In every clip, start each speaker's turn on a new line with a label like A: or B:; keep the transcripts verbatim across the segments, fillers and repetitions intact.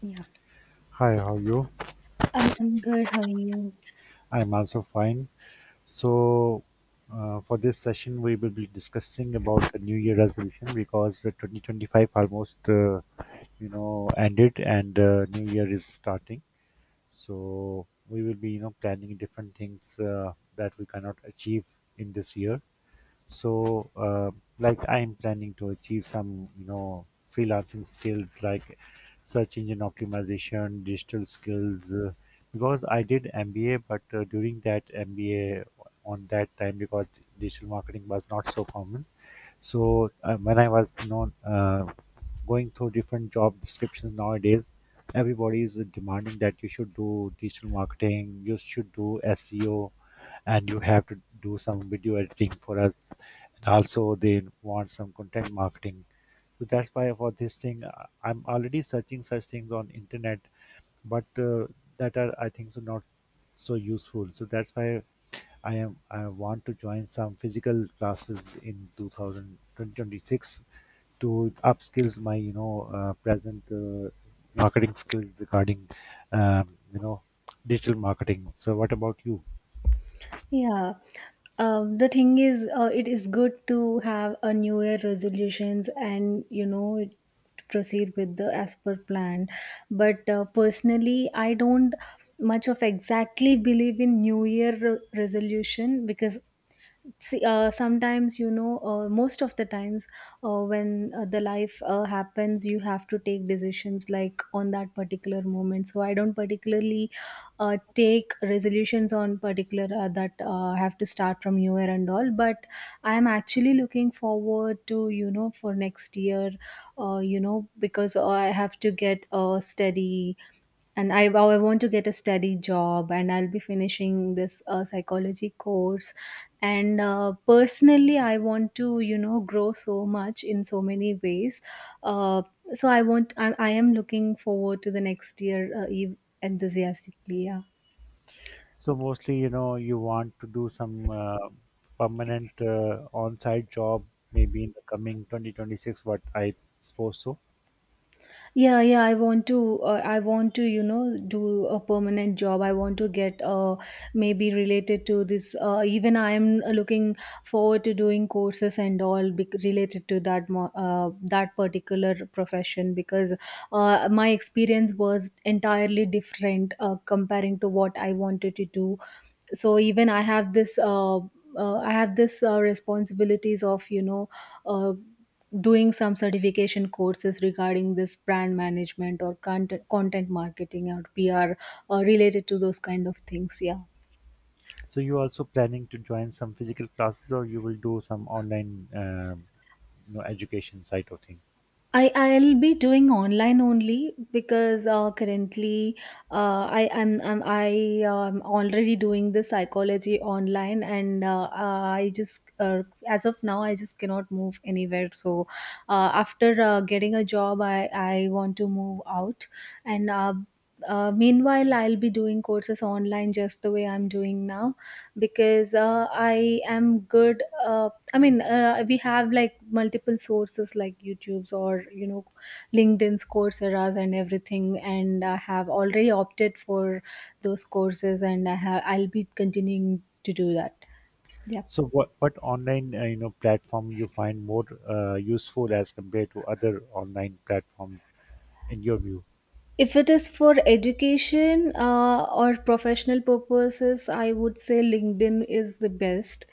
A: Yeah,
B: Hi, how are you?
A: I'm I'm good. How are you?
B: I'm also fine. So, uh, for this session, we will be discussing about the New Year resolution because uh, twenty twenty-five almost, uh, you know, ended and uh, New Year is starting. So, we will be, you know, planning different things uh, that we cannot achieve in this year. So, uh, like I'm planning to achieve some, you know, freelancing skills like search engine optimization, digital skills, uh, because I did M B A, but uh, during that M B A on that time, because digital marketing was not so common. So uh, when I was, you know, uh, going through different job descriptions nowadays, everybody is demanding that you should do digital marketing, you should do S E O, and you have to do some video editing for us, and also they want some content marketing. So that's why for this thing uh, I'm already searching such things on internet, but uh, that are, I think so, not so useful. So that's why i am i want to join some physical classes in two thousand two thousand twenty-six to upskills my, you know uh, present uh, marketing skills regarding um, you know digital marketing. So what about you?
A: Yeah, um, the thing is, uh, it is good to have a New Year resolutions and you know it- to proceed with the as per plan. But uh, personally, I don't much of exactly believe in New Year re- resolution because see, uh, sometimes you know uh, most of the times, uh, when uh, the life uh, happens, you have to take decisions like on that particular moment. So I don't particularly uh, take resolutions on particular uh, that uh, have to start from new year and all. But I am actually looking forward to, you know, for next year, uh, you know, because I have to get a steady, and I, I want to get a steady job, and I'll be finishing this uh, psychology course, and uh, personally I want to, you know, grow so much in so many ways. uh, so i want I, I am looking forward to the next year uh, ev- enthusiastically. Yeah,
B: So mostly, you know, you want to do some uh, permanent uh, on-site job maybe in the coming twenty twenty-six, what I suppose so.
A: yeah, yeah, I want to, uh, I want to, you know, do a permanent job. I want to get, uh, maybe related to this, uh, even I am, uh, looking forward to doing courses and all, bec- related to that mo- uh, that particular profession because uh, my experience was entirely different, uh, comparing to what I wanted to do. So even i have this uh, uh, I have this, uh, responsibilities of, you know, uh, doing some certification courses regarding this brand management or content, content marketing or PR, uh, related to those kind of things. Yeah,
B: So you also planning to join some physical classes, or you will do some online, uh, you know, education side of thing?
A: I I'll be doing online only because uh, currently, uh, I am I'm, I am already doing the psychology online, and uh, I just uh, as of now I just cannot move anywhere. So uh, after uh, getting a job, I I want to move out. And. Uh, uh, meanwhile, I'll be doing courses online just the way I'm doing now because uh, I am good uh, I mean, uh, we have like multiple sources like YouTube's or, you know, LinkedIn's, Coursera's and everything, and I have already opted for those courses, and i have I'll be continuing to do that. Yeah.
B: So what, what online, uh, you know, platform you find more uh, useful as compared to other online platforms in your view?
A: If it is for education uh, or professional purposes, I would say LinkedIn is the best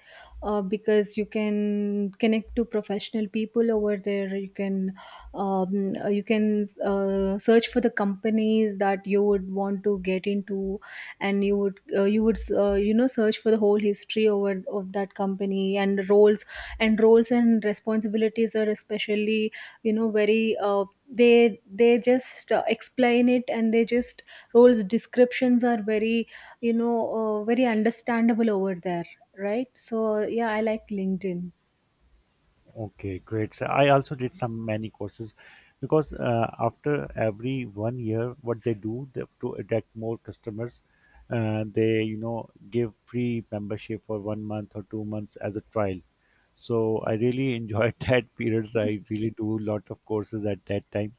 A: uh, because you can connect to professional people over there. You can, um, you can uh, search for the companies that you would want to get into, and you would uh, you would uh, you know, search for the whole history over of that company, and roles and roles and responsibilities are especially, you know, very, uh, they they just uh, explain it, and they just roles descriptions are very, you know, uh, very understandable over there, right? So yeah, I like LinkedIn.
B: Okay, great. So I also did some many courses because uh, after every one year, what they do they, to attract more customers, uh, they, you know, give free membership for one month or two months as a trial. So I really enjoyed that periods. I really do a lot of courses at that time.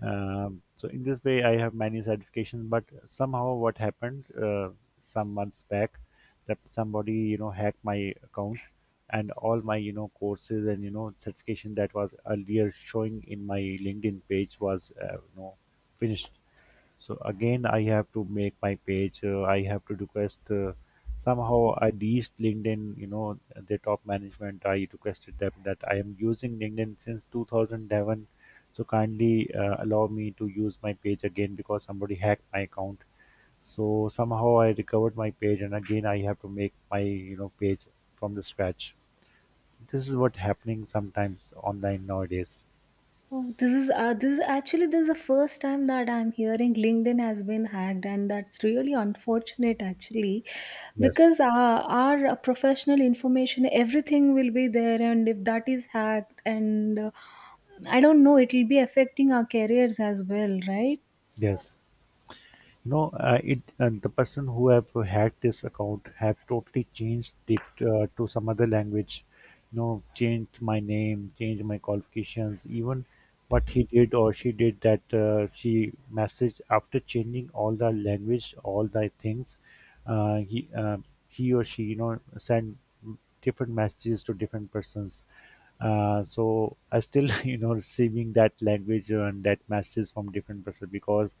B: Um, so in this way, I have many certifications. But somehow, what happened, uh, some months back, that somebody, you know, hacked my account, and all my, you know, courses and, you know, certification that was earlier showing in my LinkedIn page was, uh, you know finished. So again I have to make my page uh, I have to request uh, Somehow I reached LinkedIn, you know, the top management. I requested them that I am using LinkedIn since two thousand eleven, so kindly uh, allow me to use my page again because somebody hacked my account. So somehow I recovered my page, and again I have to make my, you know, page from the scratch. This is what happening sometimes online nowadays.
A: Oh, this is, uh, this is actually, this is the first time that I'm hearing LinkedIn has been hacked, and that's really unfortunate actually,
B: Yes,
A: because uh, our professional information, everything, will be there, and if that is hacked and uh, I don't know, it will be affecting our careers as well, right?
B: yes. You know uh, it and the person who have hacked this account have totally changed it uh, to some other language. You know, changed my name, changed my qualifications. Even what he did or she did, that uh, she messaged after changing all the language, all the things. uh, he uh, he or she, you know, sent different messages to different persons. Uh, so I still, you know, receiving that language and that messages from different person because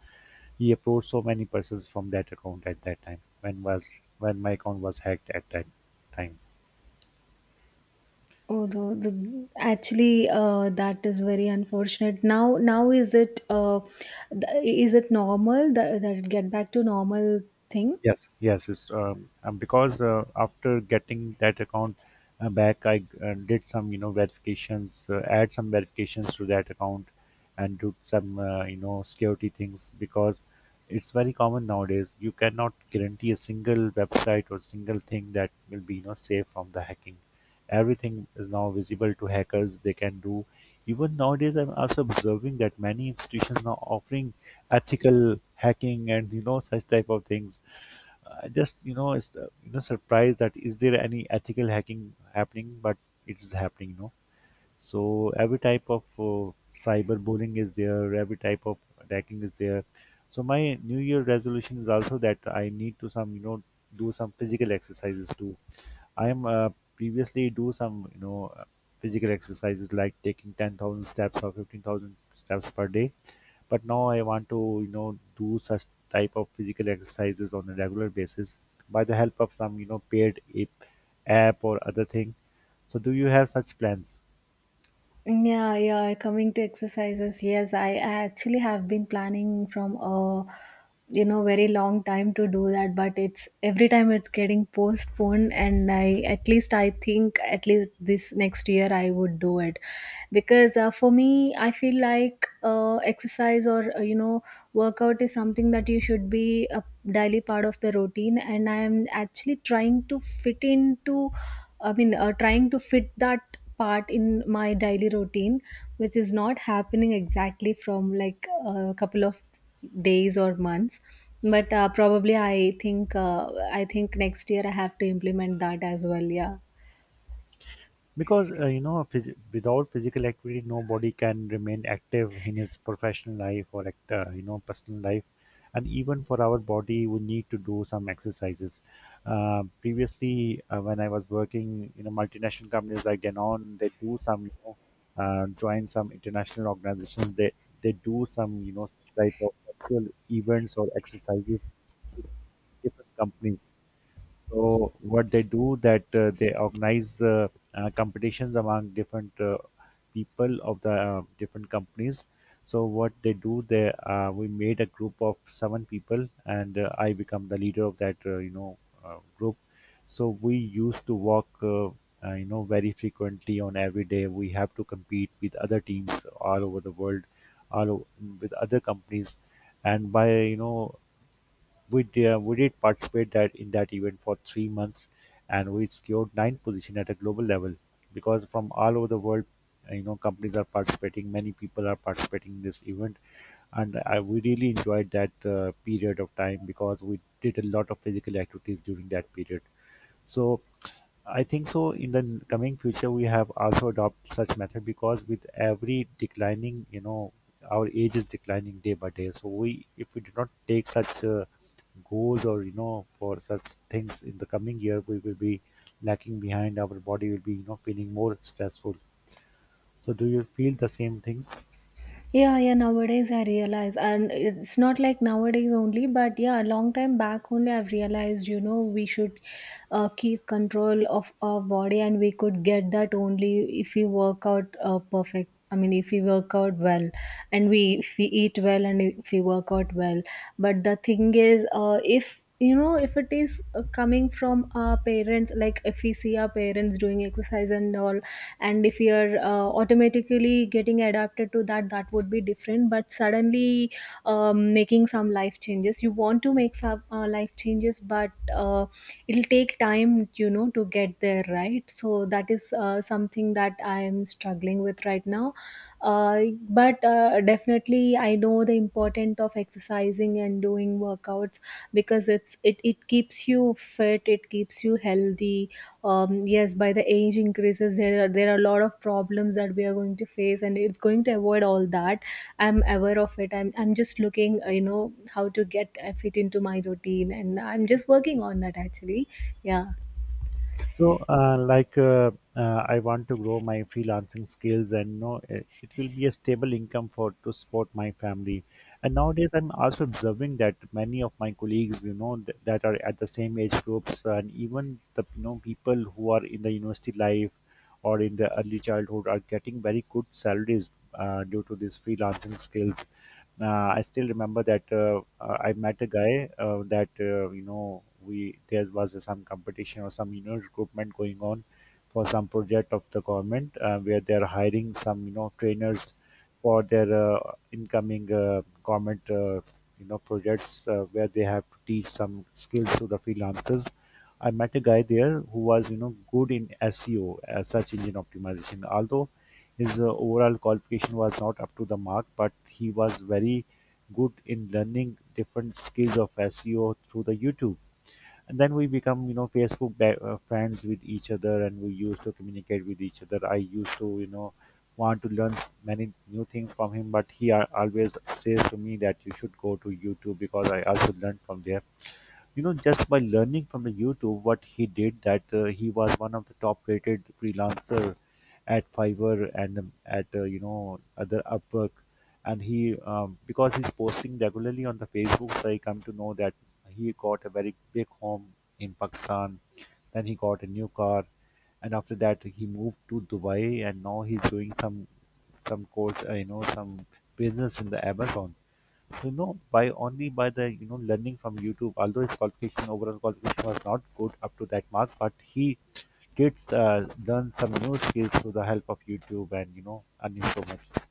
B: he approached so many persons from that account at that time when was when my account was hacked at that time.
A: Oh, the, the actually uh, that is very unfortunate. Now, now is it uh, th- is it normal that that it get back to normal thing?
B: Yes, yes, it's um, um, because uh, after getting that account uh, back, I uh, did some, you know, verifications, uh, add some verifications to that account, and do some, uh, you know security things because it's very common nowadays. You cannot guarantee a single website or single thing that will be, you know, safe from the hacking. Everything is now visible to hackers. They can do. Even nowadays, I'm also observing that many institutions now offering ethical hacking and, you know, such type of things. I just, you know, it's uh, you know surprised that is there any ethical hacking happening, but it's happening. You know, so every type of uh, cyber bullying is there. Every type of hacking is there. So my New Year resolution is also that I need to some, you know, do some physical exercises too. I am uh, previously do some, you know uh, physical exercises like taking ten thousand steps or fifteen thousand steps per day, but now I want to, you know, do such type of physical exercises on a regular basis by the help of some, you know, paid app app or other thing. So do you have such plans?
A: Yeah, yeah, coming to exercises. Yes, I actually have been planning from a, you know, very long time to do that, but it's every time it's getting postponed, and I, at least, I think at least this next year I would do it, because uh, for me I feel like uh, exercise or, uh, you know, workout is something that you should be a daily part of the routine, and I am actually trying to fit into, I mean, uh, trying to fit that part in my daily routine, which is not happening exactly from like a couple of days or months. But uh, probably I think, uh, I think next year I have to implement that as well. Yeah.
B: Because uh, you know, phys- without physical activity, nobody can remain active in his professional life or act- uh, you know, personal life. And even for our body, we need to do some exercises uh, Previously, uh, when I was working in a multinational companies like denon, they do some, you know, uh, join some international organizations. they they do some, you know, type of actual events or exercises, different companies. So what they do that, uh, they organize uh, uh, competitions among different uh, people of the uh, different companies. So what they do, they uh, we made a group of seven people, and uh, I become the leader of that, uh, you know uh, group. So we used to walk. Uh, uh, you know, very frequently on every day, we have to compete with other teams all over the world, all o- with other companies. And by, you know, we did, we did participate that in that event for three months, and we secured ninth position at a global level because from all over the world, uh, you know, companies are participating. Many people are participating in this event, and I, we really enjoyed that uh, period of time because we did a lot of physical activities during that period. So I think so. In the coming future, we have also adopt such method because with every declining, you know, our age is declining day by day. So we, if we do not take such uh, goals, or you know, for such things in the coming year, we will be lacking behind. Our body will be, you know, feeling more stressful. So do you feel the same things?
A: Yeah, yeah, nowadays I realize, and it's not like nowadays only, but yeah, a long time back only I've realized, you know, we should uh, keep control of our body, and we could get that only if we work out uh, perfect. I mean, if we work out well, and we, if we eat well and if we work out well. But the thing is, uh, if you know, if it is uh, coming from our parents, like if we see our parents doing exercise and all, and if you're uh, automatically getting adapted to that, that would be different. But suddenly, um, making some life changes, you want to make some uh, life changes, but uh, it'll take time, you know, to get there, right? So that is uh, something that I am struggling with right now. uh, but uh, definitely I know the importance of exercising and doing workouts, because it's it, it keeps you fit, it keeps you healthy. Um, yes, by the age increases, there are, there are a lot of problems that we are going to face, and it's going to avoid all that. I'm aware of it. I'm, I'm just looking, uh, you know, how to get uh, fit into my routine, and I'm just working on that actually. Yeah.
B: So, uh, like, uh, uh, I want to grow my freelancing skills, and know it, it will be a stable income for to support my family. And nowadays, I'm also observing that many of my colleagues, you know, th- that are at the same age groups, and even the, you know, people who are in the university life or in the early childhood are getting very good salaries uh, due to these freelancing skills. uh, I still remember that uh, uh, I met a guy uh, that uh, you know, we there was some competition or some, you know, recruitment going on for some project of the government, uh, where they are hiring some, you know, trainers for their uh, incoming uh, government uh, you know, projects, uh, where they have to teach some skills to the freelancers. I met a guy there who was, you know, good in S E O, uh, search engine optimization. Although his uh, overall qualification was not up to the mark, but he was very good in learning different skills of S E O through the YouTube. And then we become, you know, Facebook ba- uh, friends with each other, and we used to communicate with each other. I used to, you know, want to learn many new things from him, but he al- always says to me that you should go to YouTube because I also learned from there, you know, just by learning from the YouTube. What he did that, uh, he was one of the top rated freelancer at Fiverr, and um, at uh, you know, other Upwork. And he um, because he's posting regularly on the Facebook, so I come to know that he got a very big home in Pakistan. Then he got a new car, and after that he moved to Dubai. And now he's doing some some course uh, you know, some business in the Amazon. You know, by only by the, you know, learning from YouTube. Although his qualification, overall qualification was not good up to that mark, but he did uh, learn some new skills through the help of YouTube and, you know, earning so much.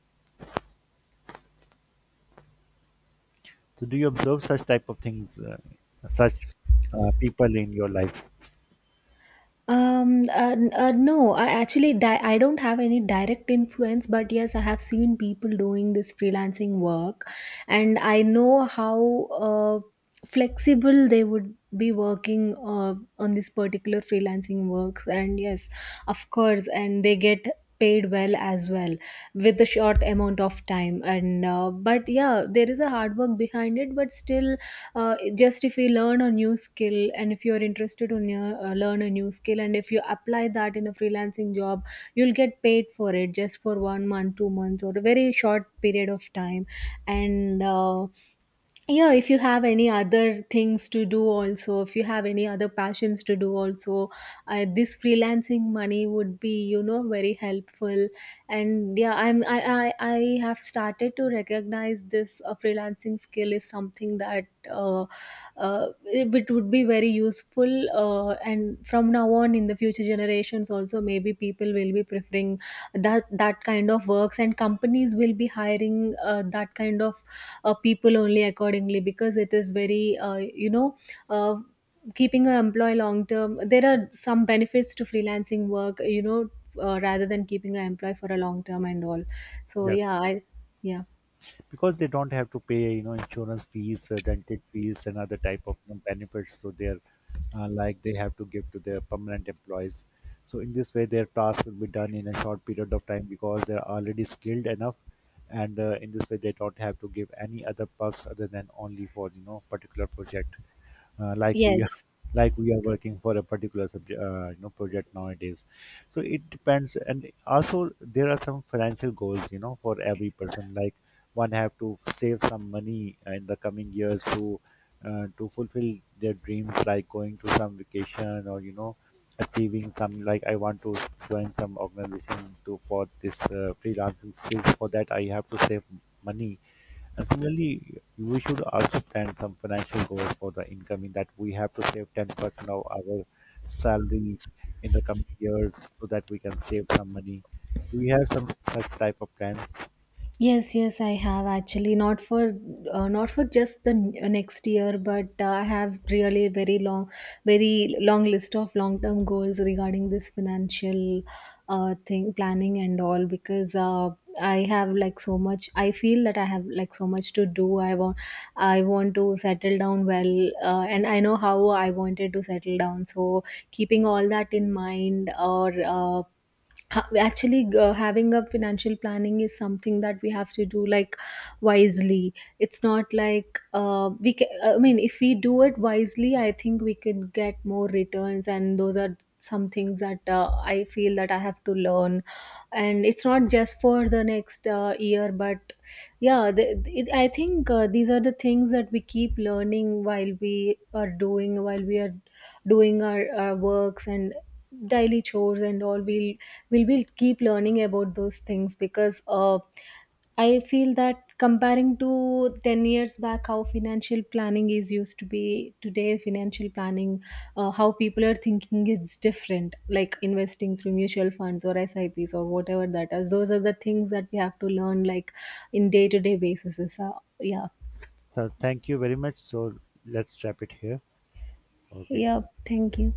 B: So, do you observe such type of things, uh, such uh, people in your life?
A: Um, uh, n- uh, no, I actually di- I don't have any direct influence, but yes, I have seen people doing this freelancing work, and I know how uh, flexible they would be working uh, on this particular freelancing works, and yes, of course, and they get paid well as well with a short amount of time. And uh, but yeah, there is a hard work behind it, but still uh, just if you learn a new skill and if you're interested in, uh, uh, learn a new skill and if you apply that in a freelancing job, you'll get paid for it just for one month two months or a very short period of time. And uh, yeah, if you have any other things to do also, if you have any other passions to do also, uh, this freelancing money would be, you know, very helpful. And yeah, i'm i i, I have started to recognize this uh, freelancing skill is something that uh, uh, it it would be very useful. Uh, and from now on, in the future generations also, maybe people will be preferring that that kind of works, and companies will be hiring uh, that kind of uh, people only accordingly, because it is very, uh, you know, uh, keeping an employee long term, there are some benefits to freelancing work, you know, uh, rather than keeping an employee for a long term and all. So
B: Yes,
A: yeah, I, yeah.
B: because they don't have to pay, you know, insurance fees, uh, dental fees, and other type of, you know, benefits to their uh, like they have to give to their permanent employees. So in this way their task will be done in a short period of time because they're already skilled enough. And uh, in this way they don't have to give any other perks other than only for, you know, particular project. Uh, like we are
A: Yes.
B: like we are working for a particular subject, uh, you know, project nowadays. So it depends. And also there are some financial goals, you know, for every person. Like one have to save some money in the coming years to uh, to fulfill their dreams, like going to some vacation or, you know, achieving some. Like I want to join some organization to for this uh, freelancing skills. For that, I have to save money. And similarly, we should also plan some financial goals for the incoming, that we have to save ten percent of our salary in the coming years so that we can save some money. Do we have some such type of plans?
A: Yes, yes, I have actually not for, uh, not for just the n- uh, next year, but uh, I have really very long, very long list of long term goals regarding this financial uh, thing, planning and all, because uh, I have like so much. I feel that I have like so much to do. I want I want to settle down well, uh, and I know how I wanted to settle down. So keeping all that in mind, or uh, ha- actually uh, having a financial planning is something that we have to do, like wisely. It's not like uh, we ca uh, I mean, if we do it wisely, I think we could get more returns, and those are some things that uh, I feel that I have to learn. And it's not just for the next uh, year, but yeah, the, it, I think, uh, these are the things that we keep learning while we are doing, while we are doing our, our works and daily chores and all. we we will keep learning about those things, because uh, I feel that comparing to ten years back, how financial planning is used to be today, financial planning, uh, how people are thinking is different, like investing through mutual funds or S I Ps or whatever that is. Those are the things that we have to learn, like in day to day basis. Uh, yeah.
B: So thank you very much. So let's wrap it here. Okay.
A: Yeah. Thank you.